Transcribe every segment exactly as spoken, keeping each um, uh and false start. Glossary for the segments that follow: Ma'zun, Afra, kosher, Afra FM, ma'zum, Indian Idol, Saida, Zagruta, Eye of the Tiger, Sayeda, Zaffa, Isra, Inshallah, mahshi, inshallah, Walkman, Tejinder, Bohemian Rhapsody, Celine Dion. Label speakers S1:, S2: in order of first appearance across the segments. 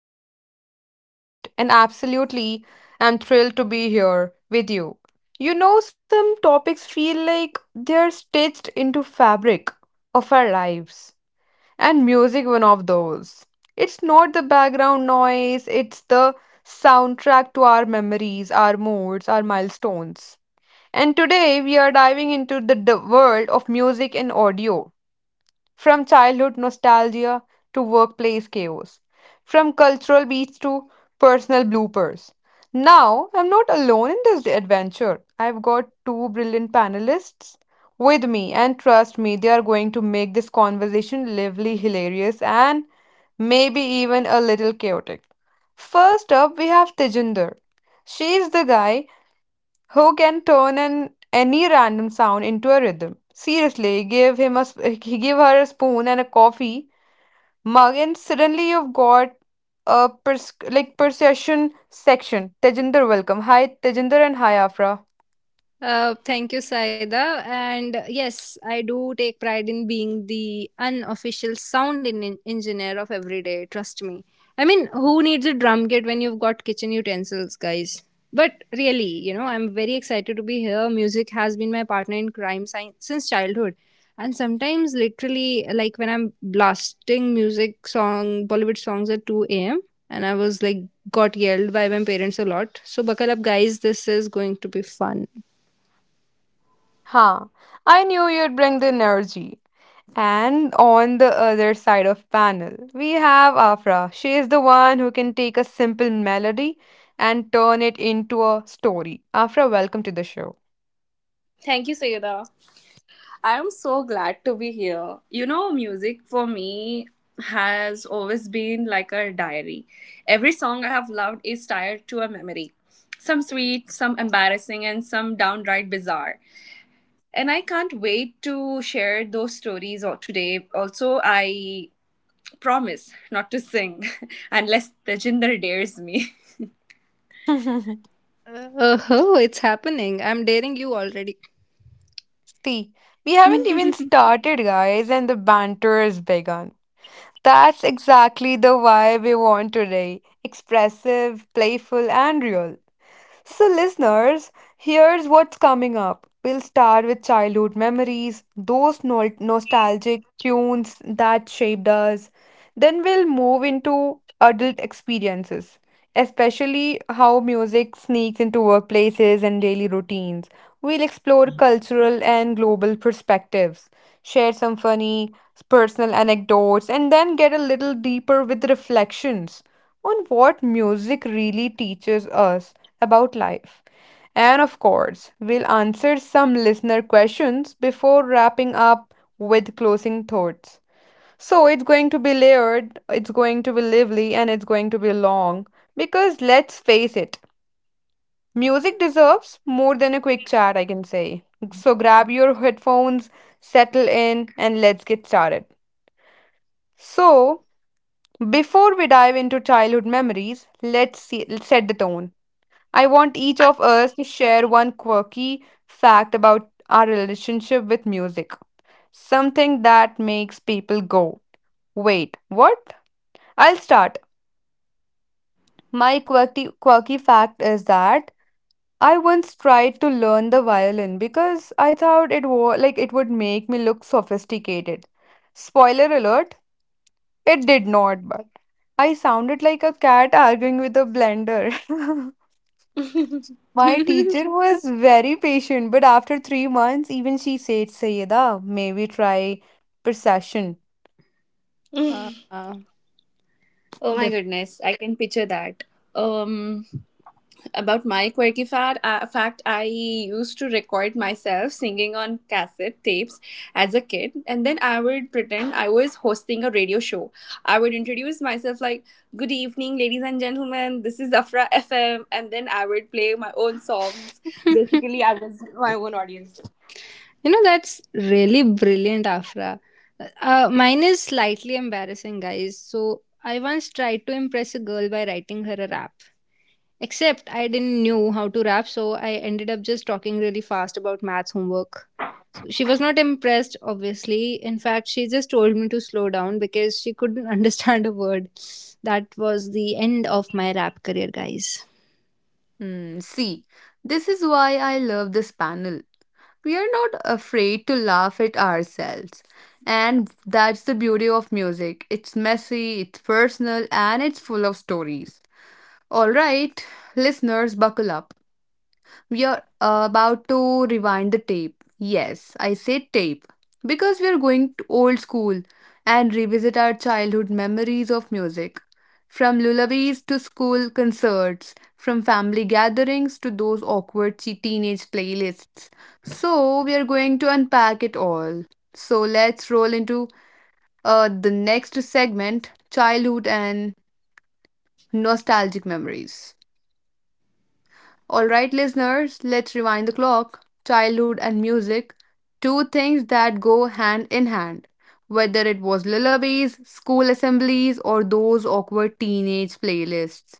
S1: I am Sayeda, your host, and absolutely am thrilled to be here with you. You know, some topics feel like they're stitched into fabric of our lives and music one of those. It's not the background noise, it's the soundtrack to our memories, our moods, our milestones. And today we are diving into the d- world of music and audio. From childhood nostalgia to workplace chaos. From cultural beats to personal bloopers. Now, I'm not alone in this adventure. I've got two brilliant panelists with me, and trust me, they are going to make this conversation lively, hilarious, and maybe even a little chaotic. First up, we have Tejinder. She's the guy who can turn an any random sound into a rhythm. Seriously, give him a sp- give her a spoon and a coffee mug, and suddenly you've got a pers- like percussion section. Tejinder, welcome. Hi, Tejinder, and hi, Afra.
S2: Uh, thank you, Saida. And yes, I do take pride in being the unofficial sound en- engineer of every day. Trust me. I mean, who needs a drum kit when you've got kitchen utensils, guys? But really, you know, I'm very excited to be here. Music has been my partner in crime science since childhood. And sometimes, literally, like when I'm blasting music song, Bollywood songs at two a m, and I was like, got yelled by my parents a lot. So, buckle up, guys. This is going to be fun.
S1: Huh. I knew you'd bring the energy. And on the other side of panel, we have Afra. She is the one who can take a simple melody and turn it into a story. Afra, welcome to the show.
S3: Thank you, Sayeda. I am so glad to be here. You know, music for me has always been like a diary. Every song I have loved is tied to a memory. Some sweet, some embarrassing, and some downright bizarre. And I can't wait to share those stories al- today. Also, I promise not to sing unless Tejinder dares me.
S2: Uh, oh, it's happening. I'm daring you already.
S1: See, we haven't even started, guys, and the banter has begun. That's exactly the vibe we want today: expressive, playful, and real. So, listeners, here's what's coming up. We'll start with childhood memories, those nol nostalgic tunes that shaped us. Then we'll move into adult experiences, especially how music sneaks into workplaces and daily routines. We'll explore cultural and global perspectives, share some funny personal anecdotes, and then get a little deeper with reflections on what music really teaches us about life. And of course, we'll answer some listener questions before wrapping up with closing thoughts. So it's going to be layered, it's going to be lively, and it's going to be long. Because let's face it, music deserves more than a quick chat, I can say. So grab your headphones, settle in, and let's get started. So, before we dive into childhood memories, let's see, set the tone. I want each of us to share one quirky fact about our relationship with music. Something that makes people go, wait, what? I'll start. My quirky, quirky fact is that I once tried to learn the violin because I thought it was like it would make me look sophisticated. Spoiler alert, it did not, but I sounded like a cat arguing with a blender. My teacher was very patient, but after three months, even she said, Sayeda, maybe try percussion.
S2: uh, uh,
S3: Oh my
S2: def-
S3: goodness, I can picture that. Um about my quirky fad, uh, fact, I used to record myself singing on cassette tapes as a kid, and then I would pretend I was hosting a radio show. I would introduce myself like, "Good evening, ladies and gentlemen. This is Afra F M," and then I would play my own songs.
S2: you
S3: Basically, I was my own audience.
S2: know, that's really brilliant, Afra. Uh, mine is slightly embarrassing, guys. So, I once tried to impress a girl by writing her a rap. Except I didn't knew how to rap, so I ended up just talking really fast about maths homework. So she was not impressed, obviously. In fact, she just told me to slow down because she couldn't understand a word. That was the end of my rap career, guys.
S1: Hmm, see, this is why I love this panel. We are not afraid to laugh at ourselves. And that's the beauty of music. It's messy, it's personal, and it's full of stories. All right, listeners, buckle up. We're about to rewind the tape. Yes, I said tape. Because we're going to old school and revisit our childhood memories of music. From lullabies to school concerts, from family gatherings to those awkward che- teenage playlists. So, we are going to unpack it all. So, let's roll into uh, the next segment: childhood and nostalgic memories. All right, listeners, let's rewind the clock. Childhood and music, two things that go hand in hand. Whether it was lullabies, school assemblies, or those awkward teenage playlists.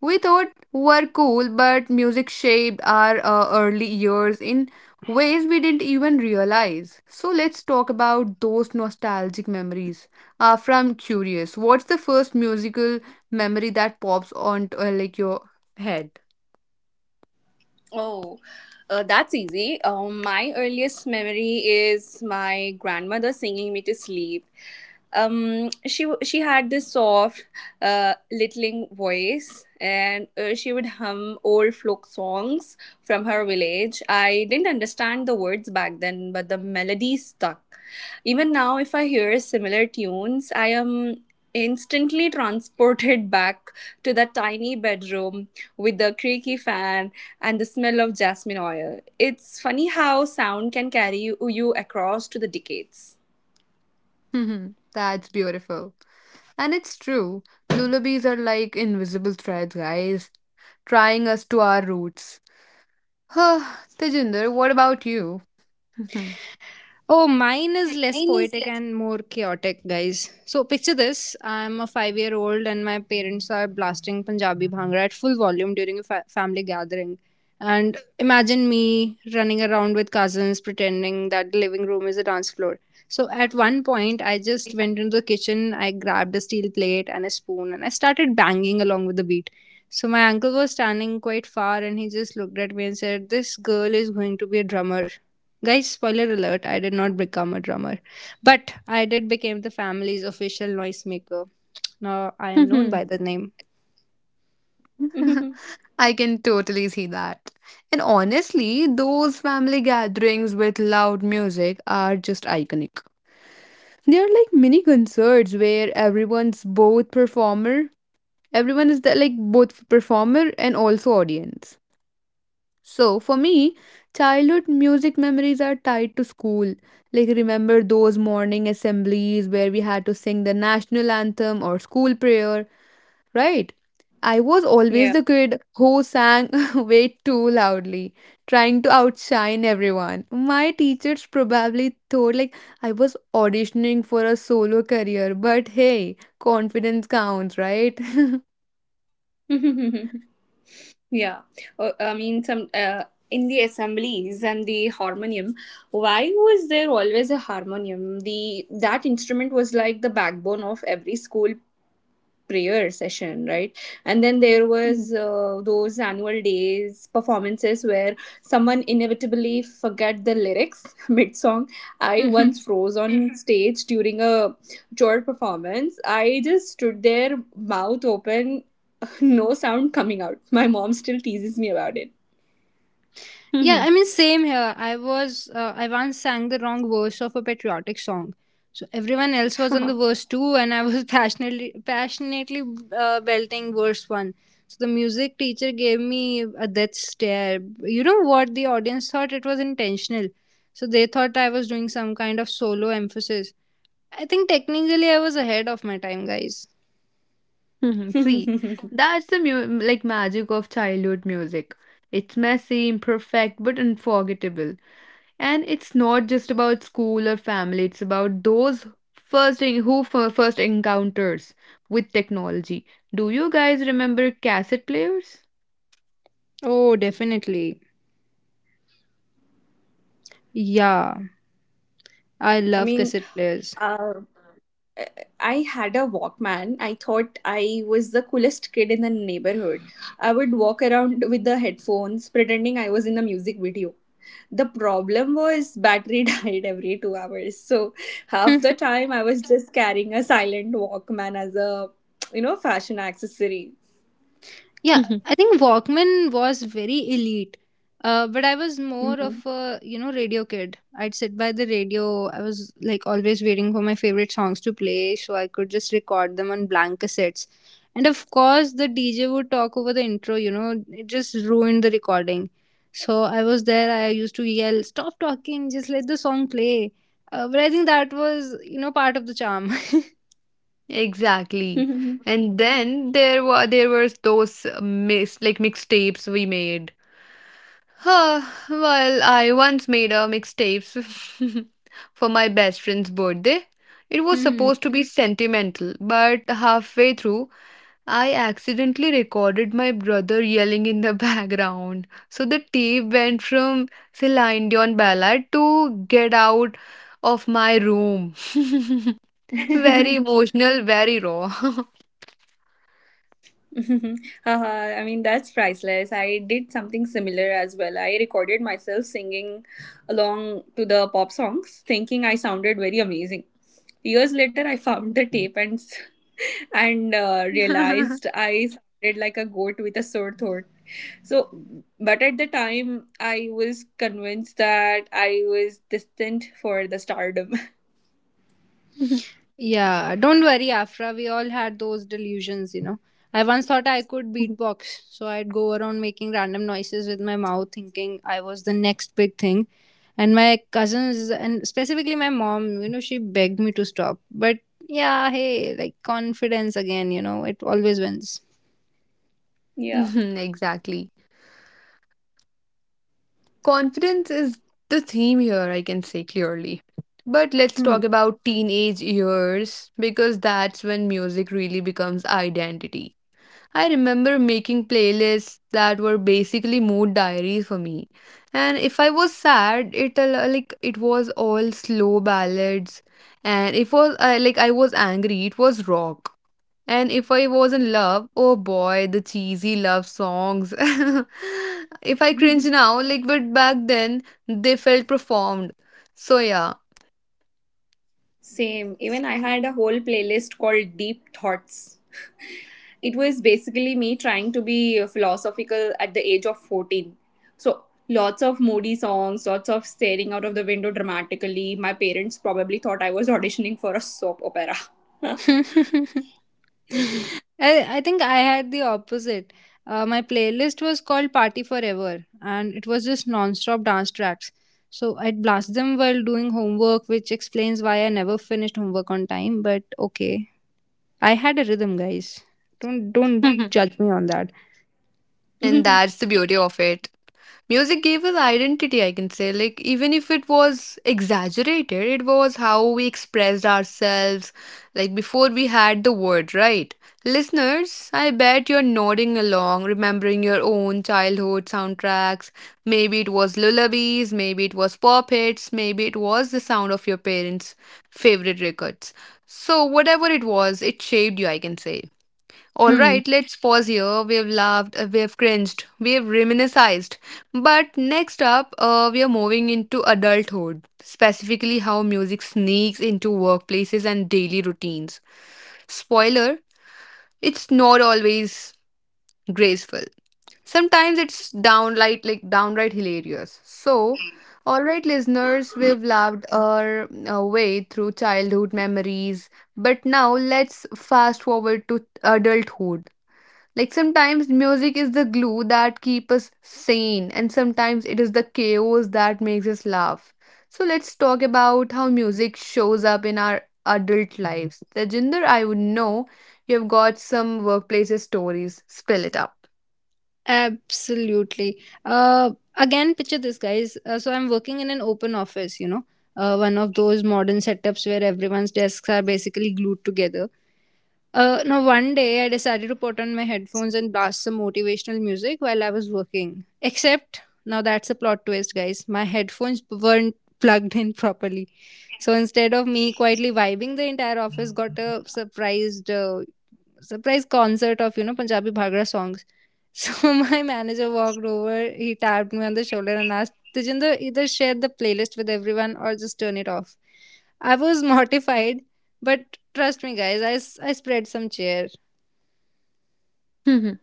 S1: We thought were cool, but music shaped our uh, early years in ways we didn't even realize. So let's talk about those nostalgic memories. Uh, from curious, what's the first musical memory that pops onto uh, like your head?
S3: Oh, uh, that's easy. Um, my earliest memory is my grandmother singing me to sleep. Um, she w- she had this soft, uh, littling voice, and uh, she would hum old folk songs from her village. I didn't understand the words back then, but the melody stuck. Even now, if I hear similar tunes, I am instantly transported back to the tiny bedroom with the creaky fan and the smell of jasmine oil. It's funny how sound can carry you you across to the decades.
S1: Mhm. That's beautiful. And it's true. Lullabies are like invisible threads, guys, tying us to our roots. Tejinder, what about you?
S2: Oh, mine is less poetic and more chaotic, guys. So picture this: I'm a five-year-old, and my parents are blasting Punjabi bhangra at full volume during a fa- family gathering. And imagine me running around with cousins, pretending that the living room is a dance floor. So at one point, I just went into the kitchen. I grabbed a steel plate and a spoon, and I started banging along with the beat. So my uncle was standing quite far, and he just looked at me and said, "This girl is going to be a drummer." Guys, spoiler alert, I did not become a drummer, but I did become the family's official noisemaker. Now I am known by the name.
S1: I can totally see that. And honestly, those family gatherings with loud music are just iconic. They are like mini concerts where everyone's both performer, everyone is the, like both performer and also audience. So, for me, childhood music memories are tied to school. Like, remember those morning assemblies where we had to sing the national anthem or school prayer, right? I was always
S3: Yeah.
S1: the kid who sang way too loudly, trying to outshine everyone. My teachers probably thought like I was auditioning for a solo career, but hey, confidence counts, right?
S3: Yeah. Uh, I mean, some uh, in the assemblies and the harmonium. Why was there always a harmonium? The that instrument was like the backbone of every school prayer session, right? And then there was uh, those annual days performances where someone inevitably forget the lyrics mid song. I
S2: Mhm.
S3: once froze on stage during a chore performance. I just stood there, mouth open, no sound coming out. My mom still teases me about it.
S2: Yeah, I mean, same here. I was, uh, I once sang the wrong verse of a patriotic song. So everyone else was on the verse two, and I was passionately, passionately uh, belting verse one. So the music teacher gave me a death stare. You know what? The audience thought it was intentional. So they thought I was doing some kind of solo emphasis. I think technically I was ahead of my time, guys.
S1: Hmm, see, that's the mu like magic of childhood music. It's messy, imperfect, but unforgettable. And it's not just about school or family, it's about those first en- who fir- first encounters with technology. Do you guys remember cassette players?
S2: Oh, definitely. Yeah, I
S3: I
S2: love
S3: mean,
S2: cassette players.
S3: uh, I had a Walkman. I thought I was the coolest kid in the neighborhood. I would walk around with the headphones, pretending I was in the music video. The problem was battery died every two hours. So half the time I was just carrying a silent Walkman as a, you know, fashion accessory.
S2: Yeah,
S1: Mhm.
S2: I think Walkman was very elite. Uh, but I was more of a you know radio kid. I'd sit by the radio. I was like always waiting for my favorite songs to play, so I could just record them on blank cassettes. And of course, the D J would talk over the intro. You know, it just ruined the recording. So I was there. I used to yell, "Stop talking! Just let the song play." Uh, but I think that was you know part of the charm.
S1: Exactly.
S3: Mhm.
S1: And then there were there were those mix like mixtapes we made. Huh, well, I once made a mixtapes for my best friend's birthday. It was supposed to be sentimental, but halfway through, I accidentally recorded my brother yelling in the background. So the tape went from Celine Dion ballad to Get Out of My Room. Very emotional, very raw.
S3: Haha, I mean, that's priceless. I did something similar as well. I recorded myself singing along to the pop songs, thinking I sounded very amazing. Years later, I found the tape and s- and uh, realized I sounded like a goat with a sore throat. So, but at the time, I was convinced that I was destined for the stardom.
S2: Yeah, don't worry, Afra. We all had those delusions, you know. I once thought I could beatbox, so I'd go around making random noises with my mouth, thinking I was the next big thing. And my cousins, and specifically my mom, you know, she begged me to stop. But yeah, hey, like confidence again, you know, it always wins.
S3: Yeah.
S1: Mhm, exactly. Confidence is the theme here, I can say clearly. But let's
S2: Hmm.
S1: talk about teenage years because that's when music really becomes identity. I remember making playlists that were basically mood diaries for me. And if I was sad, it al- like it was all slow ballads, and if was I like I was angry, it was rock. And if I was in love, oh boy, the cheesy love songs. If I cringe now, like but back then, they felt performed. So yeah.
S3: Same. Even I had a whole playlist called Deep Thoughts. It was basically me trying to be philosophical at the age of fourteen. So, lots of moody songs, lots of staring out of the window dramatically. My parents probably thought I was auditioning for a soap opera.
S2: I, I think I had the opposite. Uh, my playlist was called Party Forever, and it was just non-stop dance tracks. So I'd blast them while doing homework, which explains why I never finished homework on time. But okay, I had a rhythm, guys. Don't don't judge me on that.
S1: And that's the beauty of it. Music gave us identity, I can say. Like, even if it was exaggerated, it was how we expressed ourselves, like before we had the word, right? Listeners, I bet you're nodding along, remembering your own childhood soundtracks. Maybe it was lullabies, maybe it was pop hits, maybe it was the sound of your parents' favorite records. So, whatever it was, it shaped you, I can say. All
S2: Hmm.
S1: right, let's pause here. We've laughed, uh, we've cringed, we've reminisced. But next up, uh, we are moving into adulthood, specifically how music sneaks into workplaces and daily routines. Spoiler, it's not always graceful. Sometimes it's downright like downright hilarious. So, all right, listeners, we've laughed our uh, way through childhood memories, but now let's fast forward to adulthood, like sometimes music is the glue that keeps us sane, and sometimes it is the chaos that makes us laugh. So let's talk about how music shows up in our adult lives. Tejinder, I would know you've got some workplace stories. Spill it up.
S2: Absolutely. Uh, again, picture this, guys. Uh, so I'm working in an open office, you know, uh, one of those modern setups where everyone's desks are basically glued together. Uh, now, one day I decided to put on my headphones and blast some motivational music while I was working. Except, now that's a plot twist, guys. My headphones weren't plugged in properly. So instead of me quietly vibing, the entire office got a surprised, uh, surprise concert of, you know, Punjabi Bhagra songs. So my manager walked over, he tapped me on the shoulder and asked, Tejinder, either share the playlist with everyone or just turn it off. I was mortified, but trust me, guys, I, s- I spread some cheer.
S1: Mhm,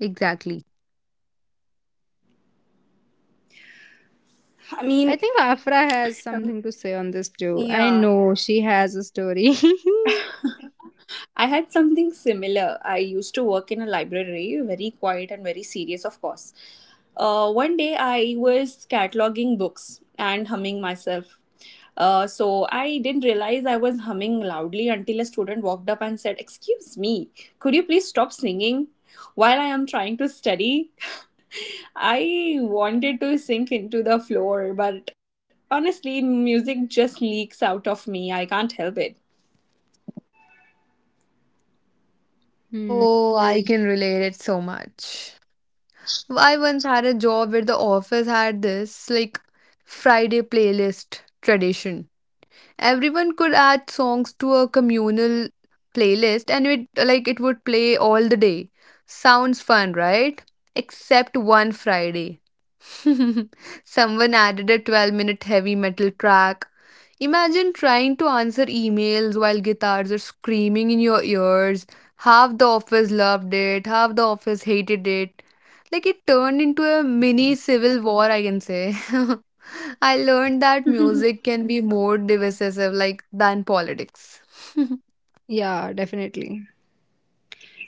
S1: exactly.
S3: I
S2: I
S3: mean,
S2: think Afra has something to say on this too. I
S3: yeah.
S2: know she has a story.
S3: I had something similar. I used to work in a library, very quiet and very serious, of course. Uh, one day I was cataloging books and humming myself. Uh, so I didn't realize I was humming loudly until a student walked up and said, "Excuse me, could you please stop singing while I am trying to study?" I wanted to sink into the floor, but honestly, music just leaks out of me. I can't help it.
S2: Hmm.
S1: Oh, I can relate it so much. I once had a job where the office had this like Friday playlist tradition. Everyone could add songs to a communal playlist and it like it would play all the day. Sounds fun, right? Except one Friday, someone added a twelve minute heavy metal track. Imagine trying to answer emails while guitars are screaming in your ears. Half the office loved it, half the office hated it, like it turned into a mini civil war, I can say. I learned that music can be more divisive like than politics.
S2: Yeah, definitely.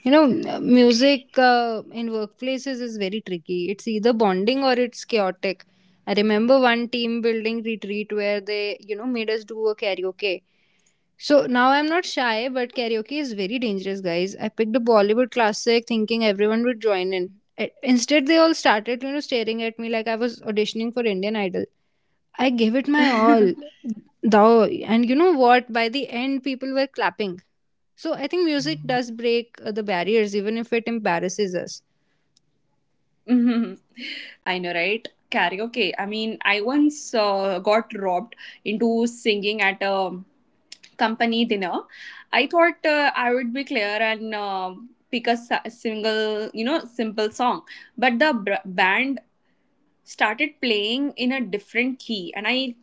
S2: You know, m- music uh, in workplaces is very tricky. It's either bonding or it's chaotic. I remember one team building retreat where they, you know, made us do a karaoke. So now I'm not shy, but karaoke is very dangerous, guys. I picked a Bollywood classic thinking everyone would join in. I- Instead, they all started, you know, staring at me like I was auditioning for Indian Idol. I gave it my all, thou, and you know what? By the end, people were clapping. So I think music does break uh, the barriers, even if it embarrasses us.
S3: Mhm. I know, right? Karaoke. Okay, I mean, I once uh, got robbed into singing at a company dinner. I thought uh, I would be clear and uh, pick a s- single, you know, simple song. But the br- band started playing in a different key and I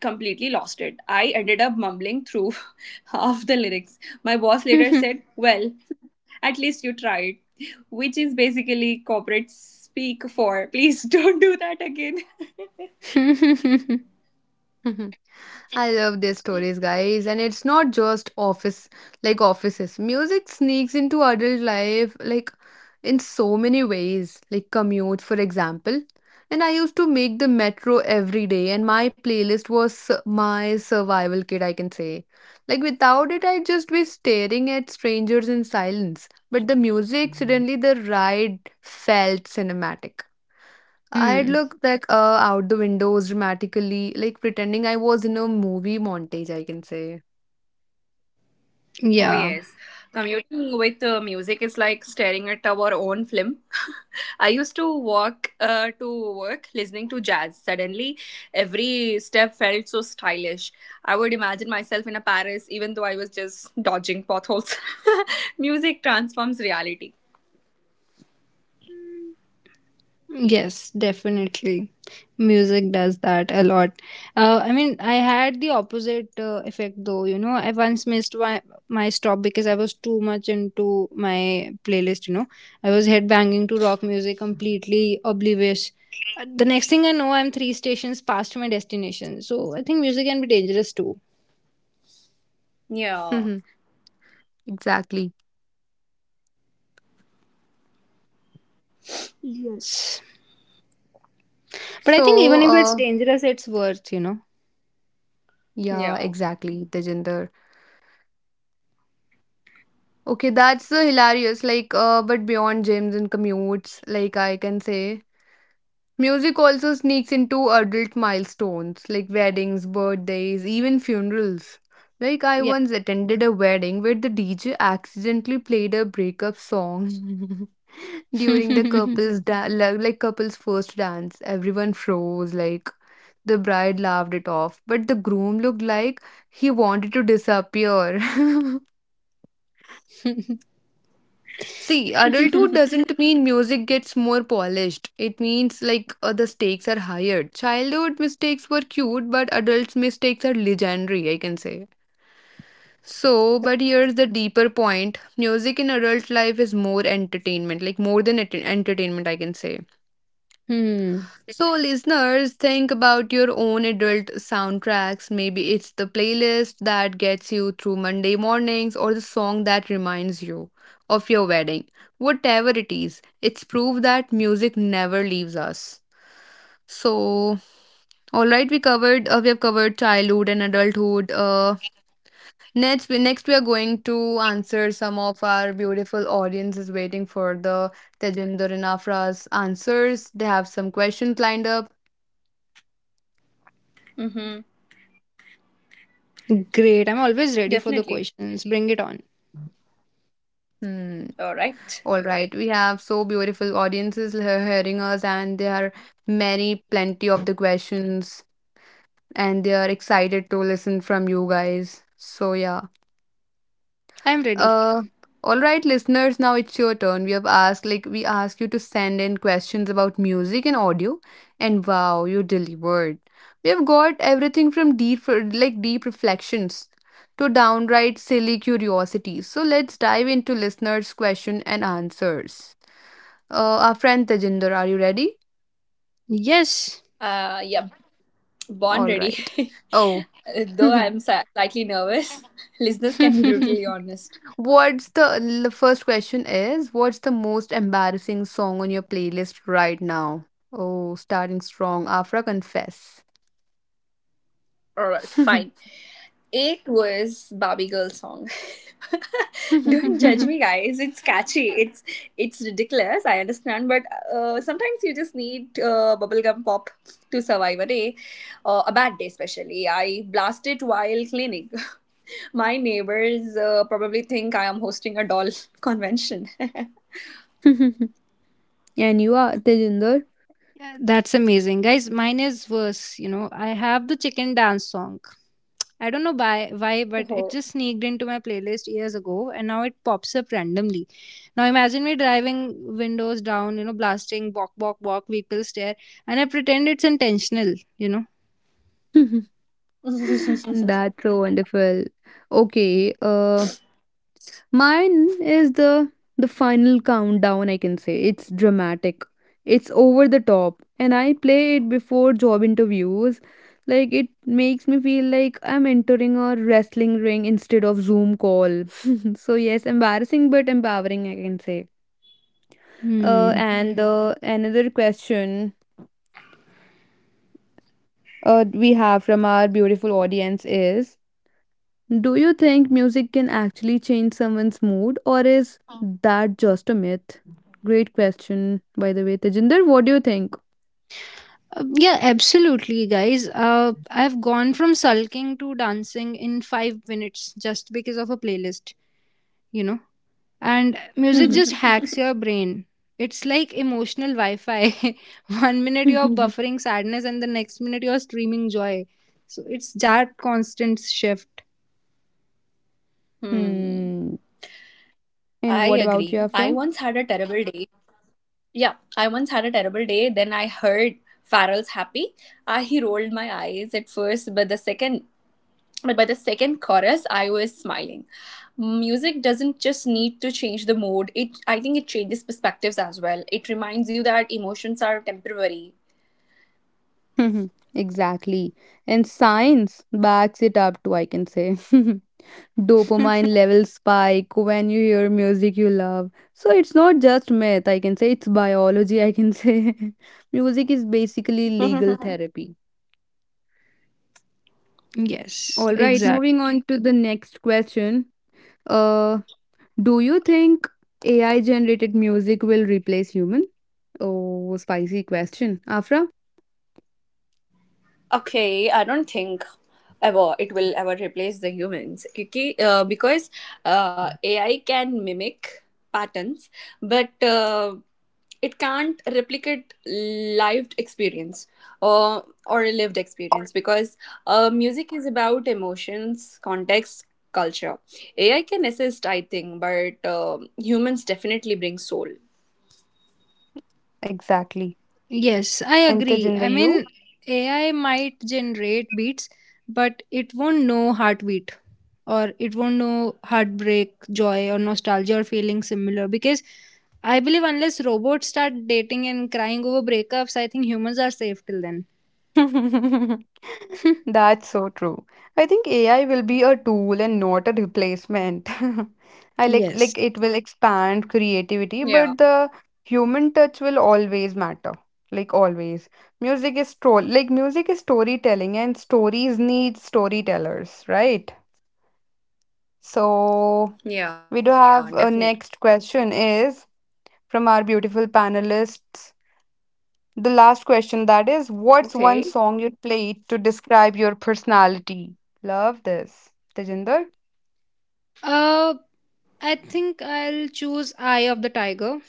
S3: completely lost it. I ended up mumbling through half the lyrics. My boss later said, "Well, at least you tried," which is basically corporate speak for "please don't do that again."
S1: I love their stories, guys, and it's not just office like offices. Music sneaks into adult life like in so many ways, like commute, for example. And I used to make the metro every day, and my playlist was su- my survival kit, I can say. Like without it, I'd just be staring at strangers in silence. But the music, suddenly the ride felt cinematic. I'd
S2: Hmm.
S1: look like uh, out the windows dramatically, like pretending I was in a movie montage, I can say.
S3: Oh,
S2: Yeah.
S3: yes. Commuting with uh, music is like staring at our own film. I used to walk uh, to work listening to jazz. Suddenly, every step felt so stylish. I would imagine myself in a Paris, even though I was just dodging potholes. Music transforms reality.
S2: Yes, definitely. Music does that a lot. Uh, I mean, I had the opposite uh, effect though. You know, I once missed my, my stop because I was too much into my playlist. You know, I was headbanging to rock music, completely oblivious. Uh, The next thing I know, I'm three stations past my destination. So I think music can be dangerous too.
S3: Yeah,
S1: Exactly.
S2: Yes. But I think
S1: So,
S2: even if it's
S1: uh,
S2: dangerous, it's worth, you know.
S1: yeah,
S3: yeah.
S1: exactly, Tejinder. Okay, that's uh, hilarious. Like, uh, but beyond gyms and commutes, like I can say, music also sneaks into adult milestones like weddings, birthdays, even funerals. Like, I
S2: Yeah.
S1: once attended a wedding where the D J accidentally played a breakup song during the couple's da- like like couple's first dance. Everyone froze, like the bride laughed it off, but the groom looked like he wanted to disappear. See,
S3: Mm-hmm.
S1: adulthood doesn't mean music gets more polished. It means like uh, the stakes are higher. Childhood mistakes were cute, but adults' mistakes are legendary, I can say. So, but here's the deeper point: music in adult life is more entertainment, like more than ent- entertainment, I can say.
S2: Hmm.
S1: So, listeners, think about your own adult soundtracks. Maybe it's the playlist that gets you through Monday mornings or the song that reminds you of your wedding. Whatever it is, it's proof that music never leaves us. So, all right, we covered. Uh, we have covered childhood and adulthood. Uh, next, we next we are going to answer some of our beautiful audiences waiting for the Tejinder and Afra's answers. They have some questions lined up.
S2: Great. I'm always ready for the
S3: Definitely.
S2: questions. Bring it on.
S1: Hmm.
S3: All right.
S1: All right, we have so beautiful audiences he- hearing us, and there are many, plenty of the questions, and they are excited to listen from you guys. So yeah,
S2: I'm ready.
S1: uh, all right, listeners, now it's your turn. We have asked, like, we asked you to send in questions about music and audio, and wow, you delivered. We have got everything from deep, like deep reflections to downright silly curiosities. So let's dive into listeners' question and answers. Uh, our friend Tejinder, are you ready?
S2: Yes.
S3: Uh, yeah. Born
S1: All
S3: ready.
S1: right. Oh,
S3: Though I'm si- slightly nervous, listeners can be brutally honest.
S1: what's the the first question is what's the most embarrassing song on your playlist right now? Oh, starting strong. Afra, confess.
S3: Alright, fine. It was Barbie Girl song. Don't judge me, guys. It's catchy. It's it's ridiculous. I understand, but uh, sometimes you just need uh, bubblegum pop to survive a day, uh, a bad day especially. I blast it while cleaning. My neighbors uh, probably think I am hosting a doll convention.
S1: And you are Tejinder.
S2: Yeah, that's amazing, guys. Mine is worse. You know, I have the chicken dance song. I don't know why, why, but it
S3: Oh.
S2: just sneaked into my playlist years ago, and now it pops up randomly. Now imagine me driving windows down, you know, blasting "Walk, walk, walk." People stare, and I pretend it's intentional. You know.
S1: That's so wonderful. Okay. Uh, Mine is the the final countdown I can say. It's dramatic. It's over the top and I play it before job interviews. Like it makes me feel like I'm entering a wrestling ring instead of Zoom call. So yes, embarrassing but empowering I can say. Uh,
S2: Hmm.
S1: and Yeah. Uh, another question uh, we have from our beautiful audience is, do you think music can actually change someone's mood, or is that just a myth? Great question, by the way. Tejinder, what do you think?
S2: Uh, yeah, absolutely, guys. Uh, I've gone from sulking to dancing in five minutes just because of a playlist. You know. And music
S1: Mhm.
S2: just hacks your brain. It's like emotional Wi Fi. One minute you're buffering sadness, and the next minute you're streaming joy. So it's that constant shift.
S3: Hmm.
S1: Hmm. And
S3: I
S1: what about you,
S3: agree. I
S1: Afra?
S3: once had a terrible day. Yeah, I once had a terrible day. Then I heard Farrell's happy. I he rolled my eyes at first, but the second but by the second chorus I was smiling. Music doesn't just need to change the mood. It I think it changes perspectives as well. It reminds you that emotions are temporary.
S1: Mhm. Exactly. And science backs it up too, I can say. Dopamine levels spike when you hear music you love. So it's not just myth, I can say. It's biology, I can say. Music is basically legal therapy.
S2: Yes,
S1: All right,
S2: exact.
S1: moving on to the next question. Uh, do you think A I generated music will replace human? Oh, spicy question. Afra?
S3: Okay, I don't think ever it will ever replace the humans. Kyunki, uh, because uh, A I can mimic patterns, but uh, it can't replicate lived experience or or a lived experience because uh, music is about emotions, context, culture. A I can assist, I think, but um humans definitely bring soul.
S1: Exactly.
S2: Yes, I
S1: And
S2: agree. I
S1: the you?
S2: mean, A I might generate beats, but it won't know heartbeat or it won't know heartbreak, joy, or nostalgia or feeling similar. Because I believe unless robots start dating and crying over breakups, I think humans are safe till then.
S1: That's so true. I think A I will be a tool and not a replacement. I like
S2: Yes.
S1: like it will
S3: Yeah,
S1: expand creativity, but the human touch will always matter. Like always. Music is sto Like music is storytelling and stories need storytellers, right? So
S3: yeah,
S1: we do
S3: definitely.
S1: have a next question is from our beautiful panelists. The last question that is, what's
S3: Okay.
S1: one song you'd play to describe your personality? Love this. Tejinder?
S2: Uh, I think I'll choose Eye of the Tiger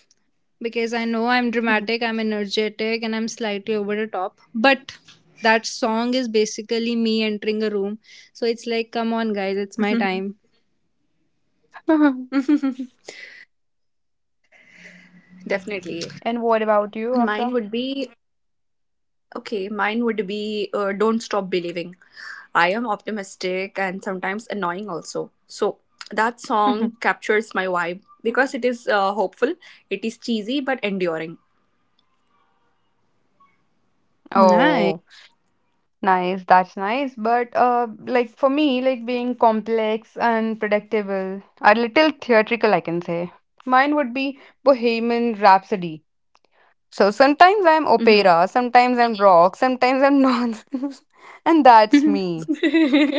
S2: because I know I'm
S1: Mhm.
S2: dramatic, I'm energetic, and I'm slightly over the top. But that song is basically me entering a room. So it's like, come on, guys, it's my time.
S3: Definitely.
S1: And what about you,
S3: Mine
S1: Afra?
S3: would be okay, Mine would be uh, don't stop believing. I am optimistic and sometimes annoying also. So that song
S1: Mhm.
S3: captures my vibe because it is uh, hopeful, it is cheesy but enduring.
S2: Nice.
S1: Oh, nice. That's nice. But uh, like for me, like being complex and predictable, a little theatrical, I can say. Mine would be Bohemian Rhapsody. So sometimes I'm
S3: Mm-hmm.
S1: opera, sometimes I'm rock, sometimes I'm nonsense, and that's me.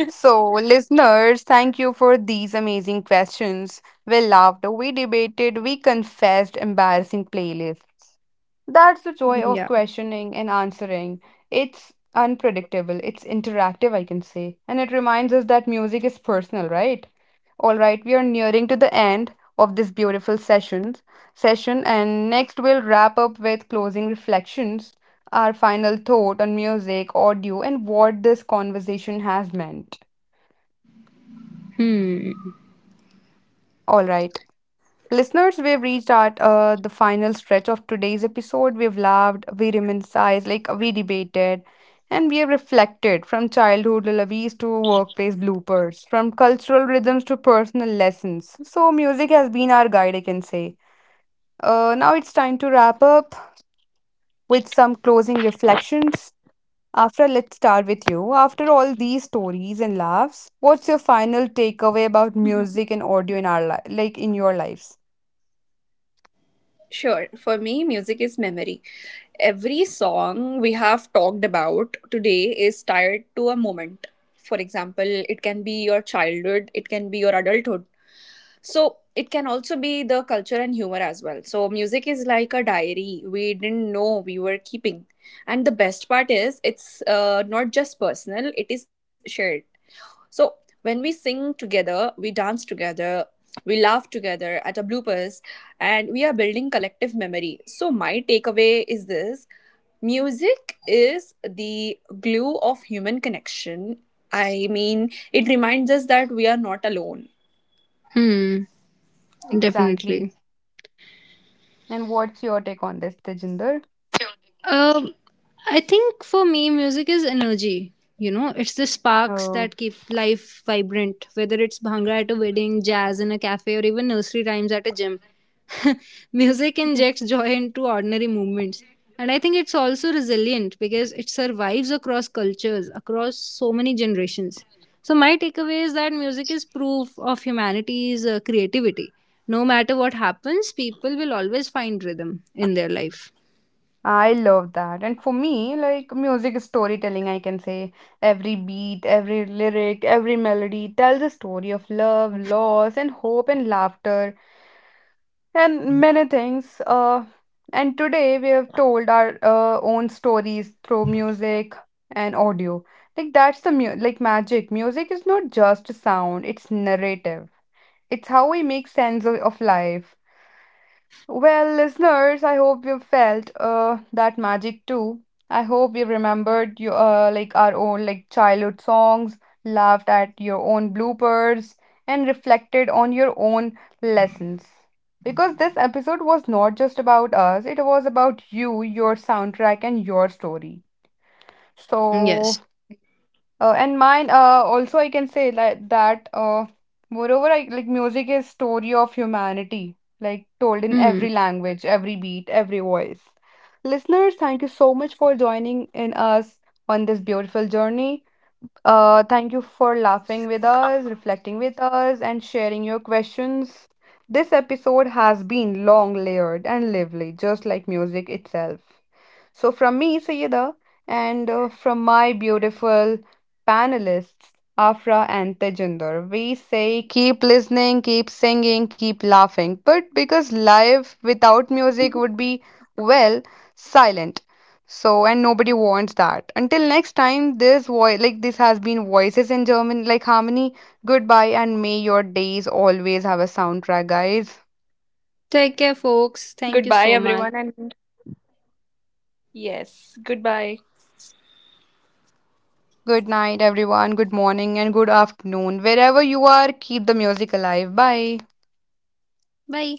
S1: So, listeners, thank you for these amazing questions. We laughed, we debated, we confessed embarrassing playlists. That's the joy of
S2: Yeah.
S1: questioning and answering. It's unpredictable, it's interactive, I can say. And it reminds us that music is personal, right? All right, we are nearing to the end of this beautiful session. Session, and next we'll wrap up with closing reflections, our final thought on music, audio, and what this conversation has meant.
S2: Hmm.
S1: All right. Listeners, we've reached at uh, the final stretch of today's episode. We've laughed, we reminisced, like we debated, and we have reflected from childhood lullabies to workplace bloopers, from cultural rhythms to personal lessons. So, music has been our guide, I can say. Uh, now it's time to wrap up with some closing reflections. Afra, let's start with you. After all these stories and laughs, what's your final takeaway about music and audio in our li- like in your lives?
S3: Sure. For me, music is memory. Every song we have talked about today is tied to a moment. For example, it can be your childhood, it can be your adulthood, so it can also be the culture and humor as well. So music is like a diary we didn't know we were keeping. And the best part is it's, uh, not just personal, it is shared. So when we sing together, we dance together, we laugh together at our bloopers, and we are building collective memory. So my takeaway is this: music is the glue of human connection. I mean, it reminds us that we are not alone.
S2: Hmm. Definitely.
S1: Exactly. And what's your take on this, Tejinder?
S2: Um, I think for me, music is energy. You know, it's the sparks that
S1: Oh,
S2: keep life vibrant, whether it's bhangra at a wedding, jazz in a cafe, or even nursery rhymes at a gym. Music
S1: mhm.
S2: injects joy into ordinary movements. And I think it's also resilient because it survives across cultures, across so many generations. So, my takeaway is that music is proof of humanity's uh, creativity. No matter what happens, people will always find rhythm in their life.
S1: I love that. And for me, like music is storytelling, I can say, every beat, every lyric, every melody tells a story of love, loss, and hope and laughter and many things. Uh, and Today we have told our uh, own stories through music and audio. Like that's the mu Like magic. Music is not just sound, it's narrative. It's how we make sense of, of life. Well, listeners, I hope you felt uh, that magic too. I hope you remembered you uh, like our own like childhood songs, laughed at your own bloopers, and reflected on your own lessons. Because this episode was not just about us; it was about you, your soundtrack, and your story. So.
S2: Yes.
S1: Uh, and Mine, uh, also I can say like that, uh, moreover, I, like music is story of humanity, like told in
S2: Hmm.
S1: every language, every beat, every voice. Listeners, thank you so much for joining in us on this beautiful journey. Uh, thank you for laughing with us, reflecting with us, and sharing your questions. This episode has been long, layered, and lively, just like music itself. So, from me, Sayeda, and uh, from my beautiful panelists, Afra and Tejinder, we say keep listening, keep singing, keep laughing. But because life without music would be, well, silent. So, and nobody wants that. Until next time, this voice, like this has been Voices in German, like Harmony. Goodbye, and may your days always have a soundtrack, guys.
S2: Take care, folks. Thank you
S3: Goodbye,
S2: so much.
S3: everyone, and yes, goodbye.
S1: Good night, everyone. Good morning and good afternoon. Wherever you are, keep the music alive. Bye.
S2: Bye.